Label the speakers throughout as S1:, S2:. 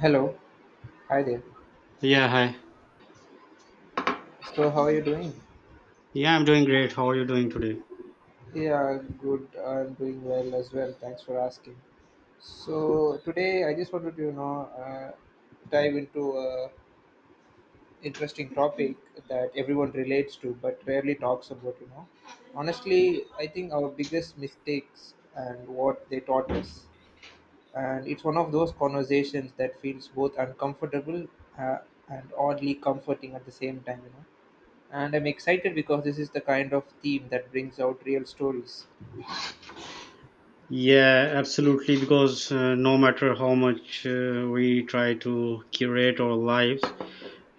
S1: Hello, hi there.
S2: Yeah, hi.
S1: So, how are you doing?
S2: Yeah, I'm doing great. How are you doing today?
S1: Yeah, good. I'm doing well as well. Thanks for asking. So, today I just wanted to, dive into a interesting topic, that everyone relates to but rarely talks about. Honestly, I think our biggest mistakes and what they taught us. And it's one of those conversations that feels both uncomfortable uh, and oddly comforting at the same time, and I'm excited because this is the kind of theme that brings out real stories.
S2: Yeah, absolutely. Because no matter how much we try to curate our lives,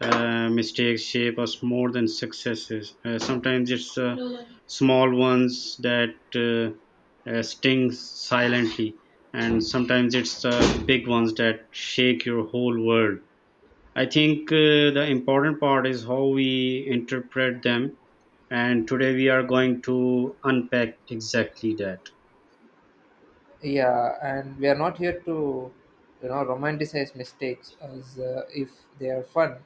S2: mistakes shape us more than successes. Sometimes it's small ones that sting silently, and sometimes it's the big ones that shake your whole world. I think the important part is how we interpret them, and today we are going to unpack exactly that.
S1: Yeah, and we are not here to romanticize mistakes as if they are fun,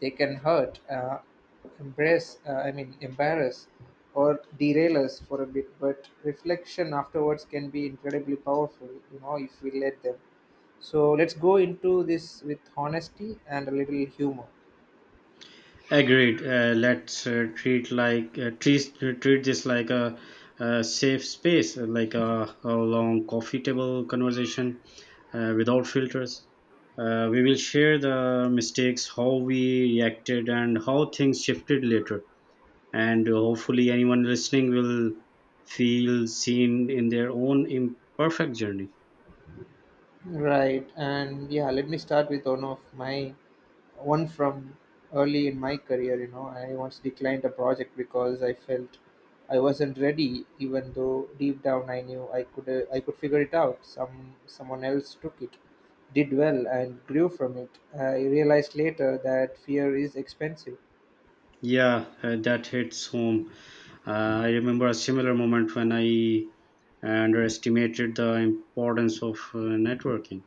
S1: they can hurt, I mean, embarrass, or derail us for a bit. But reflection afterwards can be incredibly powerful, if we let them. So let's go into this with honesty and a little humor.
S2: Agreed. Let's treat this like a, safe space, like a long coffee table conversation without filters. We will share the mistakes, how we reacted, and how things shifted later. And hopefully, anyone listening will feel seen in their own imperfect journey.
S1: Right, and yeah, let me start with one from early in my career. You know, I once declined a project because I felt I wasn't ready, even though deep down I knew I could figure it out. Someone else took it, did well, and grew from it. I realized later that fear is expensive.
S2: Yeah, that hits home. I remember a similar moment when I underestimated the importance of networking.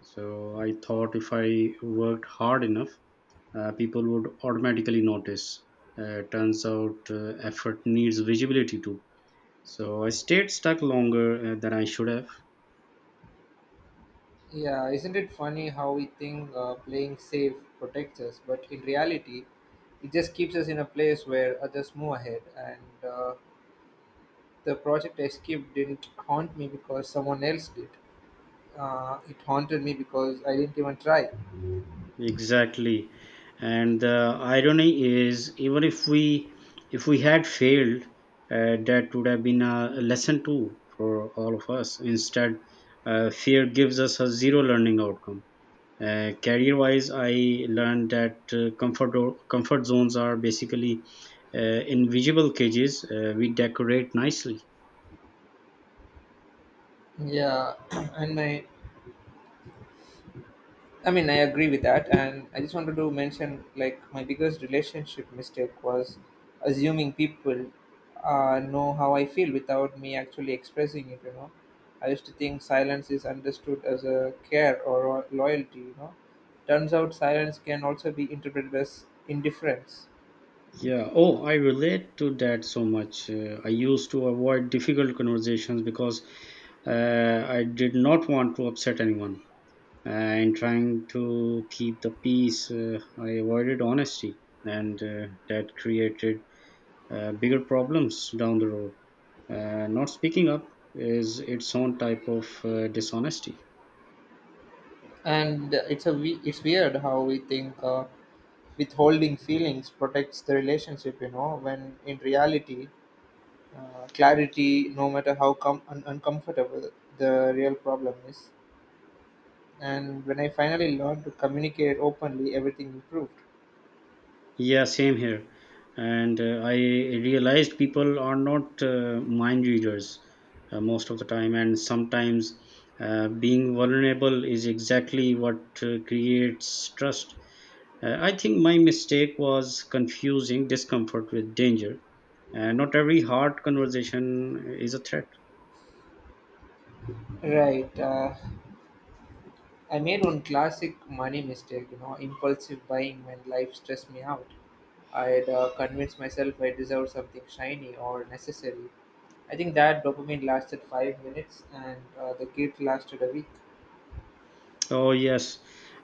S2: So I thought if I worked hard enough, people would automatically notice. Turns out effort needs visibility too. So I stayed stuck longer than I should have.
S1: Yeah, isn't it funny how we think playing safe protects us, but in reality, it just keeps us in a place where others move ahead and The project I skipped didn't haunt me because someone else did. It haunted me because I didn't even try.
S2: Exactly. And the irony is, even if we had failed, that would have been a lesson too for all of us. Instead, fear gives us a zero learning outcome. Career wise, I learned that comfort comfort zones are basically uh, invisible cages we decorate nicely.
S1: Yeah, and I mean, I agree with that. And I just wanted to mention like my biggest relationship mistake was assuming people know how I feel without me actually expressing it. I used to think silence is understood as a care or a loyalty. Turns out silence can also be interpreted as indifference.
S2: Yeah. Oh, I relate to that so much. I used to avoid difficult conversations because I did not want to upset anyone. And trying to keep the peace, I avoided honesty, and that created bigger problems down the road. Not speaking up is its own type of dishonesty.
S1: And it's weird how we think withholding feelings protects the relationship when in reality, clarity no matter how uncomfortable, the real problem is. And when I finally learned to communicate openly, everything improved.
S2: Yeah, same here. And I realized people are not mind readers most of the time, and sometimes being vulnerable is exactly what creates trust. I think my mistake was confusing discomfort with danger. Not every hard conversation is a threat.
S1: Right, I made one classic money mistake, impulsive buying when life stressed me out. I would, convinced myself I deserved something shiny or necessary. I think that dopamine lasted 5 minutes, and the guilt lasted a week.
S2: Oh, yes,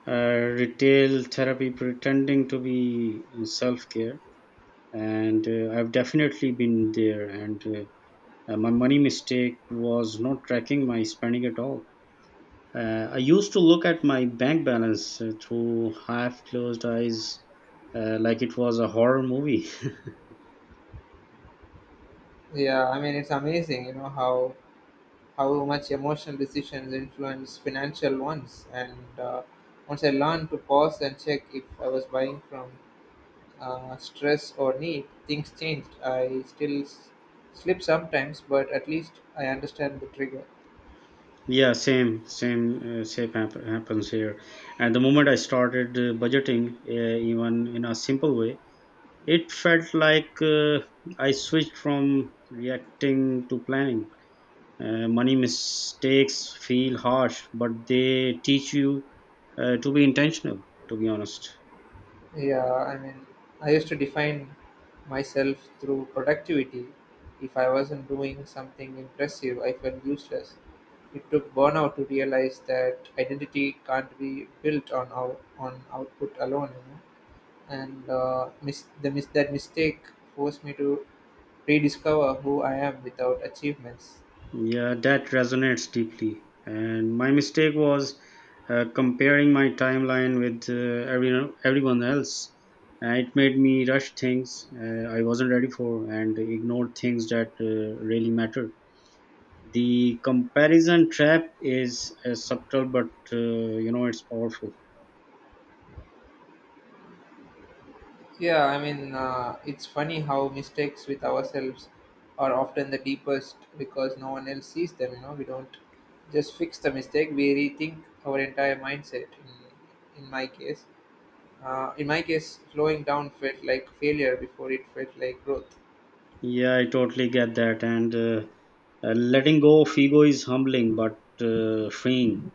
S2: retail therapy pretending to be self care. And I've definitely been there. And My money mistake was not tracking my spending at all. I used to look at my bank balance through half closed eyes like it was a horror movie.
S1: Yeah, I mean it's amazing, you know how much emotional decisions influence financial ones. And once I learned to pause and check if I was buying from stress or need, things changed. I still slip sometimes, but at least I understand the trigger.
S2: Yeah, same happens here. And the moment I started budgeting, even in a simple way, it felt like I switched from reacting to planning. Money mistakes feel harsh, but they teach you to be intentional, to be honest.
S1: Yeah, I mean, I used to define myself through productivity. If I wasn't doing something impressive, I felt useless. It took burnout to realize that identity can't be built on output alone. And that mistake forced me to rediscover who I am without achievements.
S2: Yeah, that resonates deeply. And my mistake was comparing my timeline with everyone else. It made me rush things I wasn't ready for and ignored things that really mattered. The comparison trap is subtle, but it's powerful.
S1: Yeah, I mean, it's funny how mistakes with ourselves are often the deepest because no one else sees them. You know, we don't just fix the mistake; we rethink our entire mindset. In my case, slowing down felt like failure before it felt like growth.
S2: Yeah, I totally get that. And letting go of ego is humbling but freeing.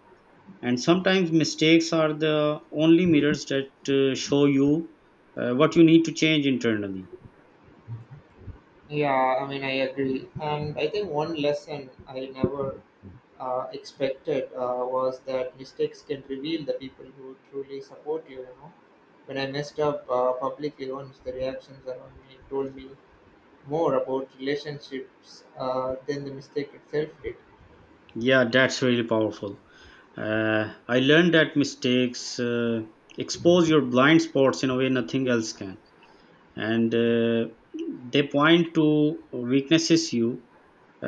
S2: And sometimes mistakes are the only mirrors that show you what you need to change internally.
S1: Yeah, I mean, I agree. And I think one lesson I never expected was that mistakes can reveal the people who truly support you, you know. When I messed up publicly once, the reactions around me told me more about relationships than the mistake itself did.
S2: Yeah, that's really powerful. I learned that mistakes expose your blind spots in a way nothing else can. And they point to weaknesses uh,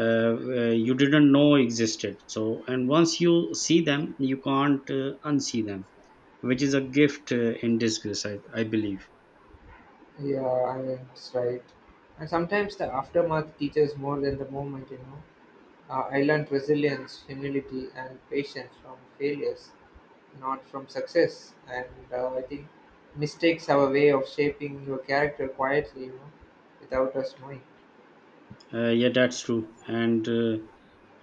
S2: uh, you didn't know existed, so and once you see them you can't unsee them, which is a gift in disguise, I believe.
S1: Yeah, I mean, that's right. And sometimes the aftermath teaches more than the moment. I learned resilience, humility, and patience from failures, not from success. And I think mistakes have a way of shaping your character quietly, without us knowing.
S2: Yeah, that's true, and uh,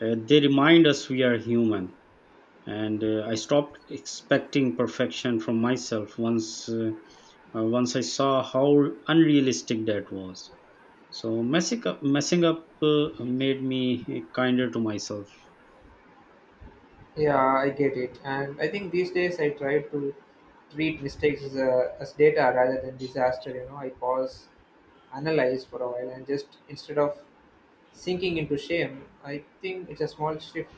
S2: uh, they remind us we are human, and I stopped expecting perfection from myself once I saw how unrealistic that was, so messing up made me kinder to myself.
S1: Yeah, I get it. And I think these days I try to treat mistakes as data rather than disaster. I pause, analyze for a while, and just instead of sinking into shame, I think it's a small shift,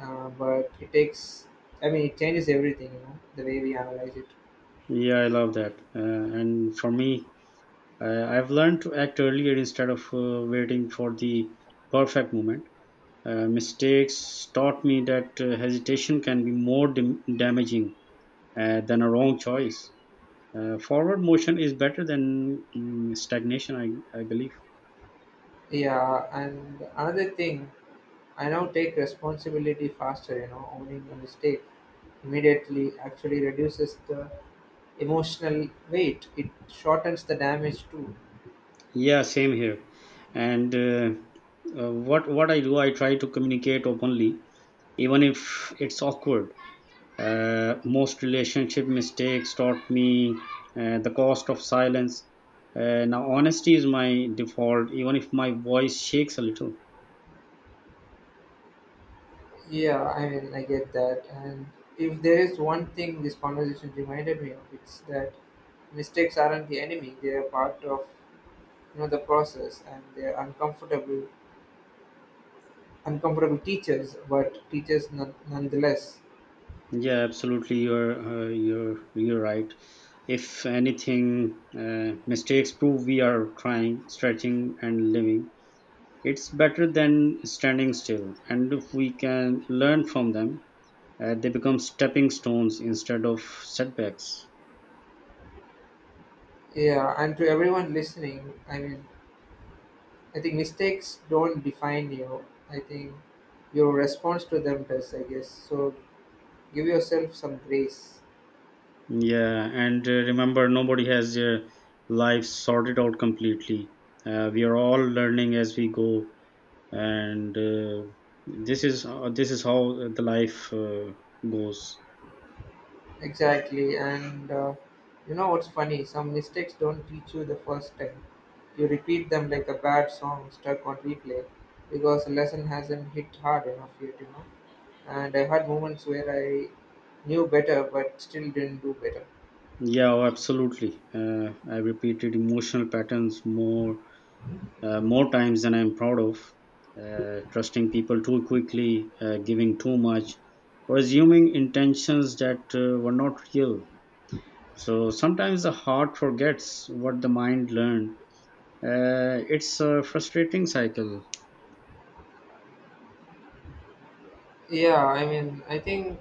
S1: but I mean, it changes everything, the way we analyze it.
S2: Yeah, I love that. And for me, I've learned to act earlier instead of waiting for the perfect moment. Mistakes taught me that hesitation can be more damaging than a wrong choice. Forward motion is better than stagnation, I believe.
S1: Yeah, and another thing, I now take responsibility faster, owning a mistake immediately actually reduces the emotional weight. It shortens the damage too.
S2: Yeah, same here. And what I do, I try to communicate openly, even if it's awkward. Most relationship mistakes taught me the cost of silence. Now honesty is my default, even if my voice shakes a little.
S1: Yeah, I mean, I get that. And if there is one thing this conversation reminded me of, it's that mistakes aren't the enemy. They are part of, the process, and they are uncomfortable teachers, but teachers nonetheless.
S2: Yeah, absolutely, you're right. If anything, mistakes prove we are trying, stretching, and living. It's better than standing still, and if we can learn from them, they become stepping stones instead of setbacks.
S1: Yeah, and to everyone listening, I mean, I think mistakes don't define you. I think your response to them does, I guess. So give yourself some grace.
S2: Yeah, and remember, nobody has their life sorted out completely. We are all learning as we go, and this is how the life goes.
S1: Exactly. And you know what's funny? Some mistakes don't teach you the first time. You repeat them like a bad song stuck on replay because the lesson hasn't hit hard enough yet. And I had moments where I knew better but still didn't do better.
S2: Yeah, oh, absolutely. I repeated emotional patterns more times than I'm proud of. Trusting people too quickly, giving too much, or assuming intentions that were not real. So sometimes the heart forgets what the mind learned. It's a frustrating cycle.
S1: Yeah, I mean, I think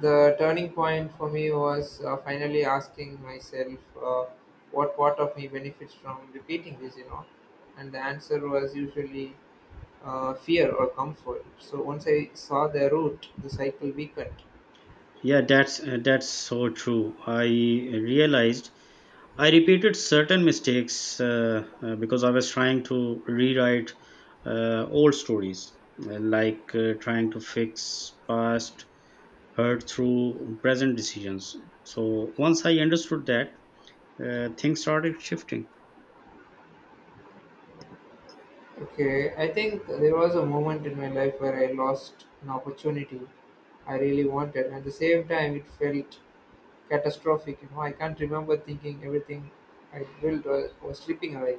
S1: the turning point for me was finally asking myself uh, what part of me benefits from repeating this. And the answer was usually fear or comfort. So once I saw the root, the cycle weakened.
S2: Yeah, that's so true. I realized I repeated certain mistakes because I was trying to rewrite old stories, like trying to fix past hurt through present decisions. So once I understood that, things started shifting.
S1: Okay, I think there was a moment in my life where I lost an opportunity I really wanted, and at the same time, it felt catastrophic. I can't remember thinking everything I built was slipping away.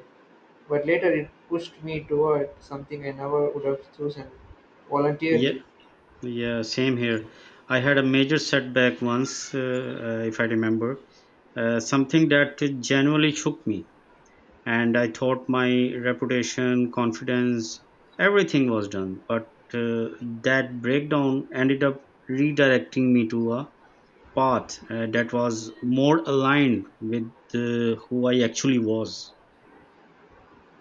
S1: But later it pushed me toward something I never would have chosen
S2: Yeah,
S1: voluntarily.
S2: yeah, same here. I had a major setback once, if I remember, something that genuinely shook me. And I thought my reputation, confidence, everything was done. But uh, that breakdown ended up redirecting me to a path that was more aligned with who I actually was.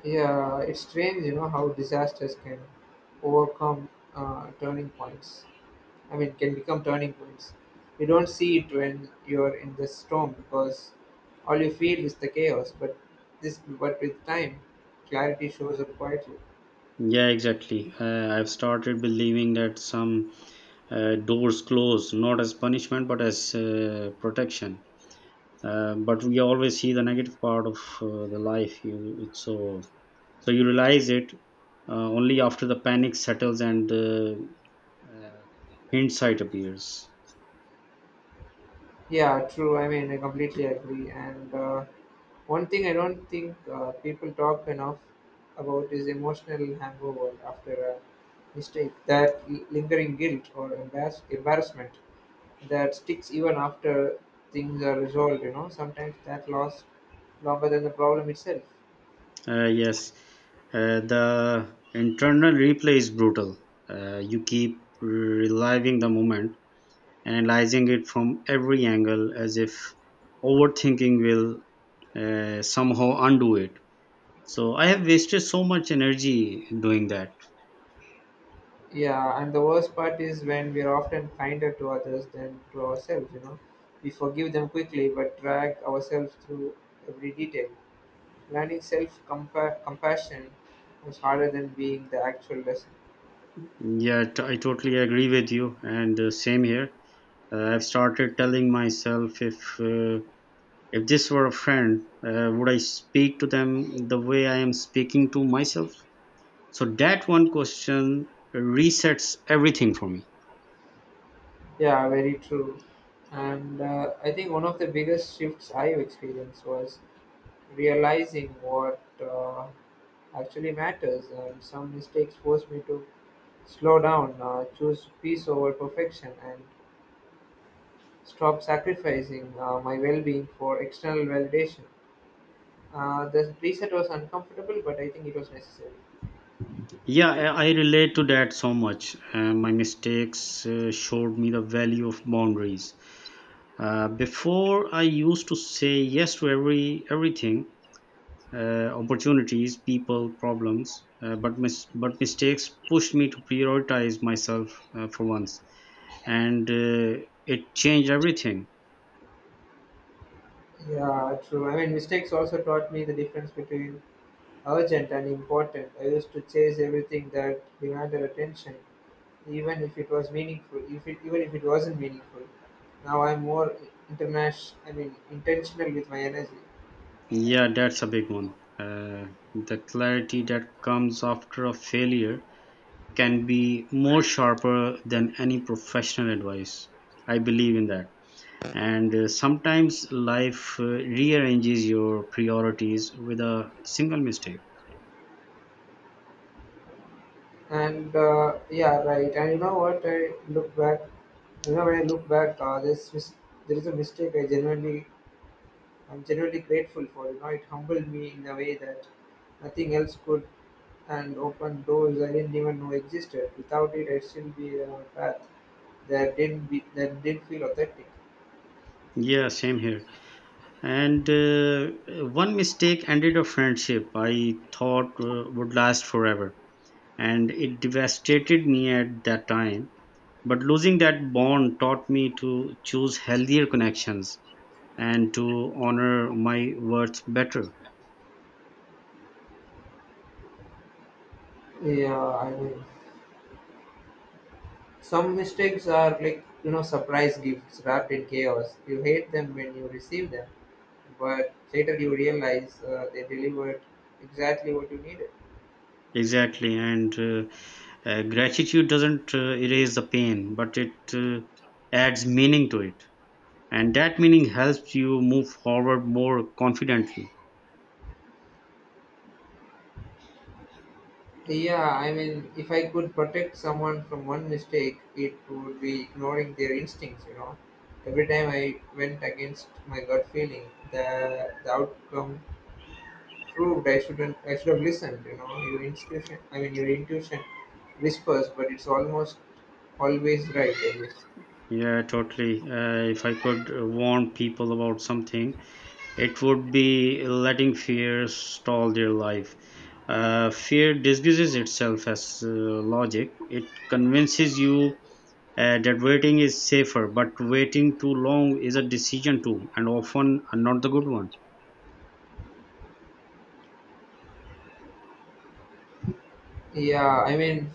S1: Yeah, it's strange, how disasters can overcome turning points. I mean, can become turning points. You don't see it when you're in the storm because all you feel is the chaos. But with time, clarity shows up quietly.
S2: Yeah, exactly. I've started believing that some doors closed, not as punishment but as protection. But we always see the negative part of the life. You, it's so you realize it only after the panic settles and uh, hindsight appears.
S1: Yeah, true. I mean, I completely agree. And one thing I don't think people talk enough about is emotional hangover after a mistake, that lingering guilt or embarrassment that sticks even after things are resolved. You know, sometimes that lasts longer than the problem itself.
S2: Yes, the internal replay is brutal. You keep reliving the moment, analyzing it from every angle as if overthinking will somehow undo it. So I have wasted so much energy doing that.
S1: Yeah, and the worst part is when we are often kinder to others than to ourselves. You know, we forgive them quickly, but drag ourselves through every detail. Learning self compassion was harder than being the actual lesson.
S2: Yeah, I totally agree with you, and same here. I've started telling myself, if this were a friend, would I speak to them the way I am speaking to myself? So that one question resets everything for me.
S1: Yeah, very true. And I think one of the biggest shifts I experienced was realizing what actually matters. And some mistakes forced me to slow down, choose peace over perfection, and stop sacrificing my well being for external validation. The reset was uncomfortable, but I think it was necessary.
S2: Yeah, I relate to that so much. My mistakes showed me the value of boundaries. Before I used to say yes to everything, opportunities, people, problems, but mistakes pushed me to prioritize myself for once, and it changed everything.
S1: Yeah, true. I mean, mistakes also taught me the difference between urgent and important. I used to chase everything that demanded attention, even if it was meaningful, if it, even if it wasn't meaningful. Now I'm more international. I mean, intentional with my energy.
S2: Yeah, that's a big one. The clarity that comes after a failure can be more sharper than any professional advice. I believe in that. And sometimes life rearranges your priorities with a single mistake.
S1: And yeah, right. And you know what? I look back. When I look back, there is a mistake I'm genuinely grateful for. You know, it humbled me in a way that nothing else could, and opened doors I didn't even know existed. Without it, I'd still be on a path that didn't feel authentic.
S2: Yeah, same here. And One mistake ended a friendship I thought would last forever, and it devastated me at that time, but losing that bond taught me to choose healthier connections and to honor my worth better.
S1: Yeah, I mean, some mistakes are like surprise gifts wrapped in chaos. You hate them when you receive them, but later you realize they delivered exactly what you needed.
S2: Exactly, and gratitude doesn't erase the pain, but it adds meaning to it, and that meaning helps you move forward more confidently.
S1: Yeah, I mean, if I could protect someone from one mistake, it would be ignoring their instincts. Every time I went against my gut feeling, the outcome proved I shouldn't, I should have listened, you know. Your intuition whispers, but it's almost always right, I guess.
S2: Yeah, totally. If I could warn people about something, it would be letting fear stall their life. Fear disguises itself as logic. It convinces you that waiting is safer, but waiting too long is a decision too, and often not the good one.
S1: Yeah, I mean,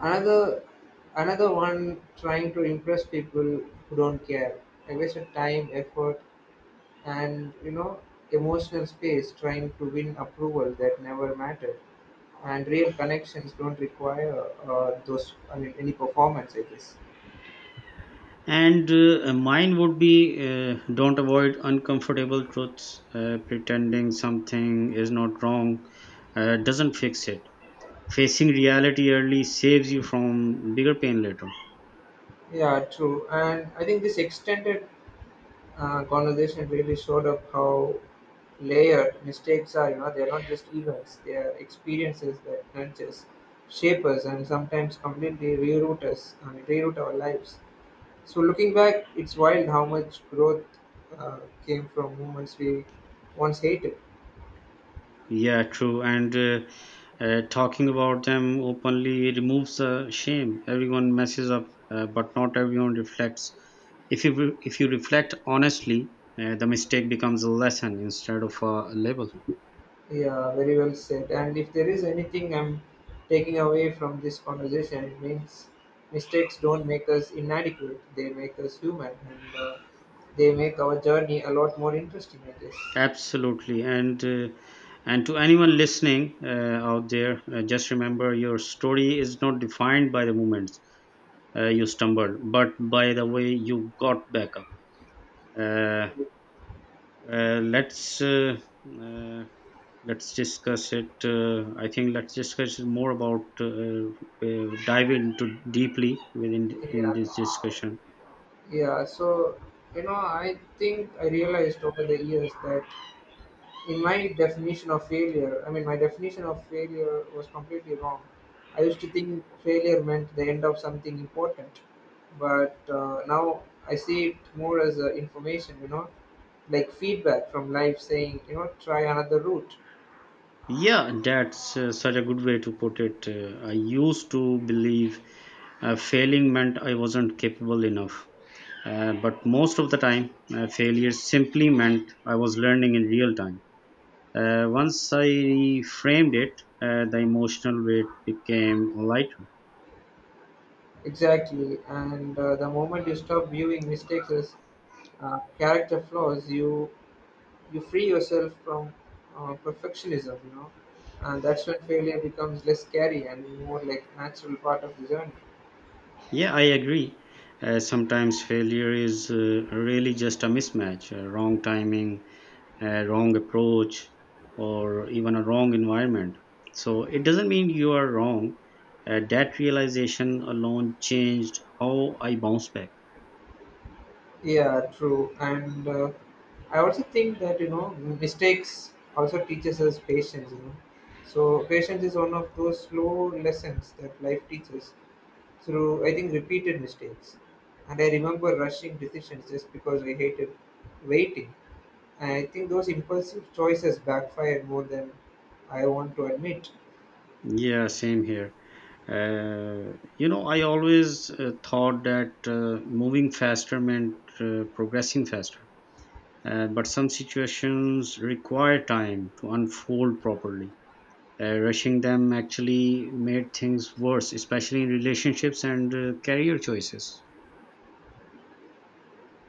S1: another another one, trying to impress people who don't care. I wasted time, effort, and emotional space trying to win approval that never mattered, and real connections don't require those I mean any performance, I guess.
S2: And mine would be don't avoid uncomfortable truths. Pretending something is not wrong doesn't fix it. Facing reality early saves you from bigger pain later.
S1: Yeah, true, and I think this extended conversation really showed up how layered mistakes are. They're not just events, they are experiences that nudge us, shape us, and sometimes completely reroute us, I mean, reroute our lives. So looking back, it's wild how much growth uh, came from movements we once hated.
S2: Yeah, true, and talking about them openly removes the shame. Everyone messes up, but not everyone reflects. If you reflect honestly, the mistake becomes a lesson instead of a label.
S1: Yeah, very well said. And if there is anything I'm taking away from this conversation, it means mistakes don't make us inadequate. They make us human, and they make our journey a lot more interesting, I guess.
S2: Absolutely, and to anyone listening out there, just remember, your story is not defined by the moments you stumbled, but by the way you got back up. Uh, uh, let's uh, uh, let's discuss it I think let's discuss it more about dive into deeply within in
S1: Yeah,
S2: this discussion.
S1: yeah. So I think I realized over the years that in my definition of failure, I mean, my definition of failure was completely wrong. I used to think failure meant the end of something important, but now I see it more as information, you know, like feedback from life saying, you know, try another route.
S2: Yeah, that's such a good way to put it. I used to believe failing meant I wasn't capable enough, but most of the time failure simply meant I was learning in real time. Once I reframed it, the emotional weight became lighter.
S1: Exactly. And the moment you stop viewing mistakes as character flaws, you free yourself from perfectionism, you know, and that's when failure becomes less scary and more like natural part of the journey.
S2: Yeah, I agree. Sometimes failure is really just a mismatch, wrong timing, wrong approach, or even a wrong environment. So it doesn't mean you are wrong. That realization alone changed how I bounce back.
S1: Yeah, true. And I also think that you know mistakes also teaches us patience. You know, so patience is one of those slow lessons that life teaches through I think repeated mistakes. And I remember rushing decisions just because I hated waiting. And I think those impulsive choices backfired more than I want to admit.
S2: Yeah, same here. I always thought that moving faster meant progressing faster. But some situations require time to unfold properly. Rushing them actually made things worse, especially in relationships and career choices.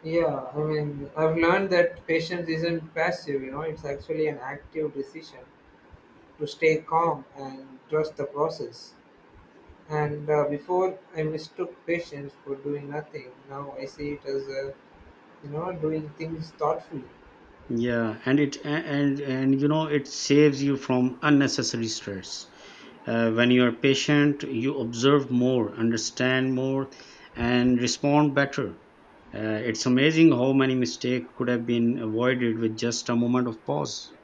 S1: Yeah, I mean I've learned that patience isn't passive. You know, it's actually an active decision to stay calm and trust the process. And before I mistook patience for doing nothing. Now I see it as you know doing things thoughtfully.
S2: Yeah, and it a- and you know it saves you from unnecessary stress. When you are patient, you observe more, understand more, and respond better. It's amazing how many mistakes could have been avoided with just a moment of pause.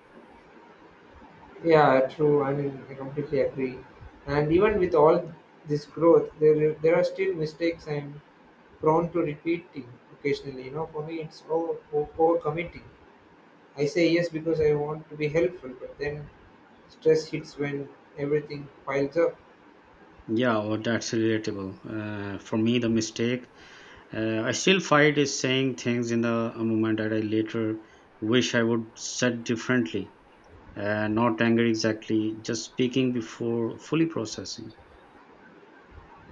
S1: Yeah, true. I mean, I completely agree. And even with all this growth, there are still mistakes I'm prone to repeating occasionally. You know, for me, it's overcommitting. I say yes because I want to be helpful, but then stress hits when everything piles up.
S2: Yeah, well, that's relatable. For me, the mistake I still fight is saying things in the moment that I later wish I would said differently. Not angry exactly, just speaking before fully processing.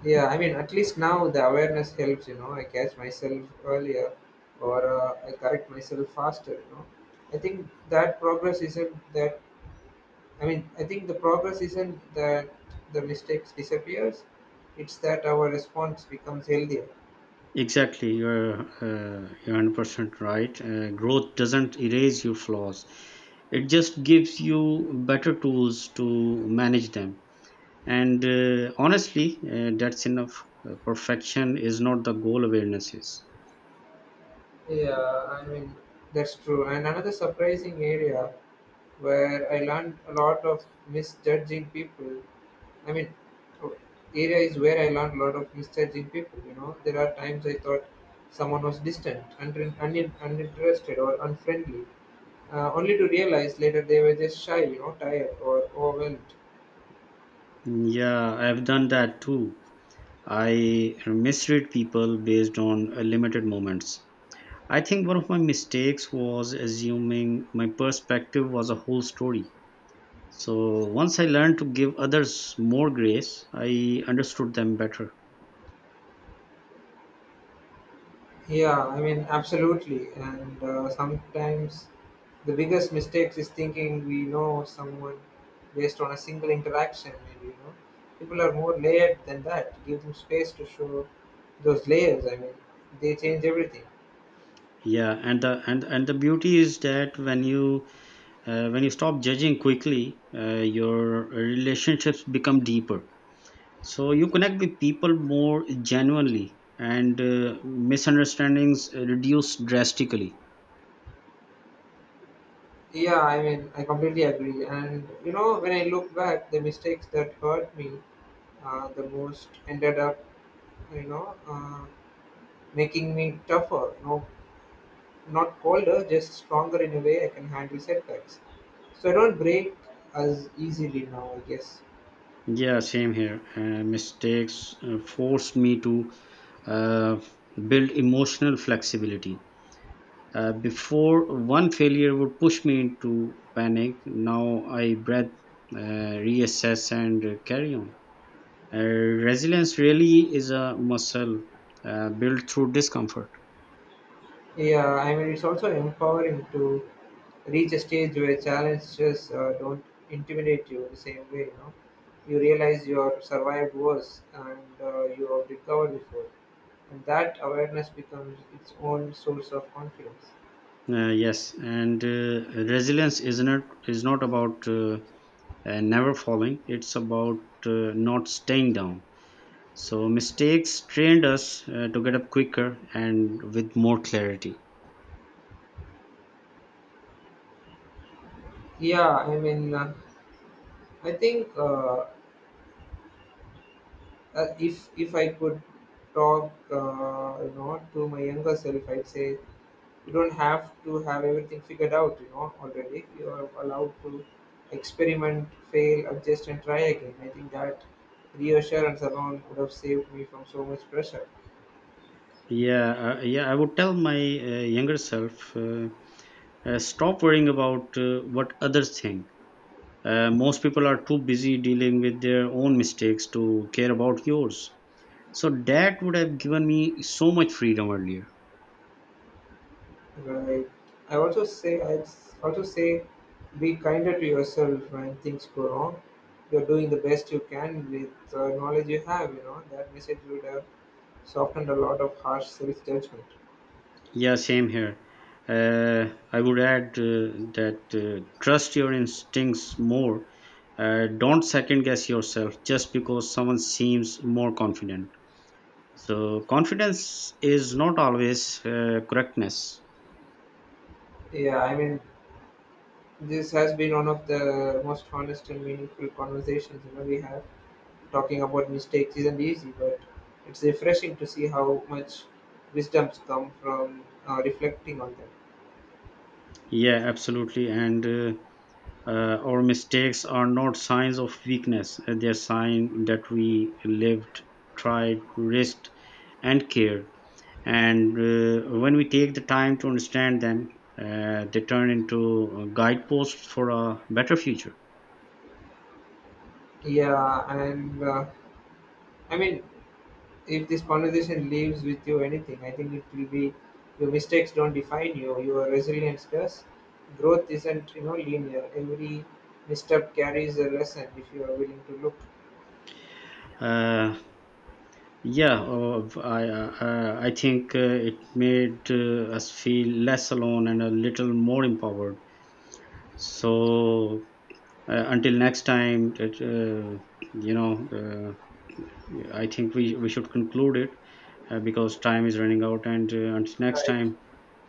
S1: Yeah, I mean, at least now the awareness helps, you know. I catch myself earlier or I correct myself faster, you know. I think that progress isn't that, I mean, I think the progress isn't that the mistakes disappears, it's that our response becomes healthier.
S2: Exactly, you're 100% right. Growth doesn't erase your flaws; it just gives you better tools to manage them. And honestly, that's enough. Perfection is not the goal. Awareness is.
S1: Yeah, I mean, that's true. And another surprising area where I learned a lot of misjudging people. I mean, o- area is where I learned a lot of misjudging people. You know, there are times I thought someone was distant, uninterested, or unfriendly, only to realize later they were just shy, you know, tired or overwhelmed.
S2: Mm, yeah, I've done that too. I misread people based on limited moments. I think one of my mistakes was assuming my perspective was a whole story. So once I learned to give others more grace, I understood them better.
S1: Yeah, I mean, absolutely. And sometimes the biggest mistake is thinking we know someone based on a single interaction. And you know, people are more layered than that. Give them space to show those layers. I mean, they change everything.
S2: Yeah, and the beauty is that when you stop judging quickly, your relationships become deeper. So you connect with people more genuinely, and misunderstandings reduce drastically.
S1: Yeah, I mean, I completely agree. And you know, when I look back, the mistakes that hurt me the most ended up, you know, making me tougher. You know, not colder, just stronger in a way I can handle setbacks. So I don't break as easily now, I guess.
S2: Yeah, same here. Mistakes forced me to uh, build emotional flexibility. Before, one failure would push me into panic. Now I breathe, reassess, and carry on. Resilience really is a muscle built through discomfort.
S1: Yeah, I mean, it's also empowering to reach a stage where challenges don't intimidate you the same way, you know. You realize you have survived worse and you have recovered before. And that awareness becomes its own source of confidence.
S2: Yes, and resilience is not about never falling. It's about not staying down. So mistakes trained us to get up quicker and with more clarity.
S1: Yeah, I mean, I think if I could talk, you know, to my younger self, I'd say you don't have to have everything figured out, you know, already. You are allowed to experiment, fail, adjust, and try again. I think that reassurance alone would have saved me from so much pressure.
S2: Yeah. I would tell my younger self, stop worrying about what others think. Most people are too busy dealing with their own mistakes to care about yours. So that would have given me so much freedom earlier.
S1: Right. I also say, be kinder to yourself when things go wrong. You're doing the best you can with the knowledge you have. You know that message would have softened a lot of harsh self-judgment.
S2: Yeah, same here. I would add that trust your instincts more. Don't second guess yourself just because someone seems more confident. So, confidence is not always correctness.
S1: Yeah, I mean, this has been one of the most honest and meaningful conversations you know, we have. Talking about mistakes isn't easy, but it's refreshing to see how much wisdoms come from reflecting on them.
S2: Yeah, absolutely. And our mistakes are not signs of weakness. They're sign that we lived, tried, risked, and cared. And when we take the time to understand them, they turn into guideposts for a better future.
S1: Yeah, and I mean, if this conversation leaves with you anything, I think it will be your mistakes don't define you, your resilience does. Growth isn't you know linear. Every misstep carries a lesson if you are willing to look.
S2: Uh, yeah, I think it made us feel less alone and a little more empowered. So until next time, you know, uh, I think we should conclude it because time is running out. And until next
S1: Right.
S2: time,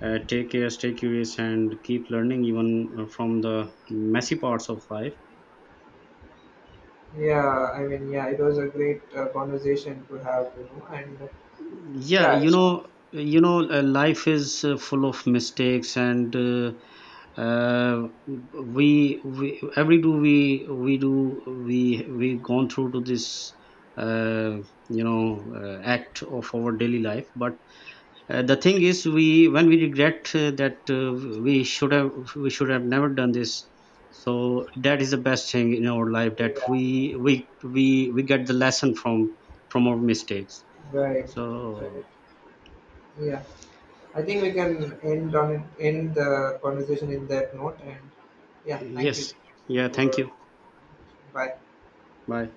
S2: take care, stay curious, and keep learning even from the messy parts of life.
S1: Yeah, it was a great conversation to have, you know,
S2: Yeah,
S1: yeah,
S2: you know, life is full of mistakes, and uh, we every do we gone through to this uh, act of our daily life, but the thing is, we when we regret that we should have never done this. So that is the best thing in our life that
S1: yeah,
S2: we get the lesson from our mistakes.
S1: right, right,
S2: So
S1: yeah. I think we can end on it, end the conversation in that note, and yeah, thank you
S2: yes, yeah, thank
S1: for
S2: you.
S1: bye.
S2: Bye.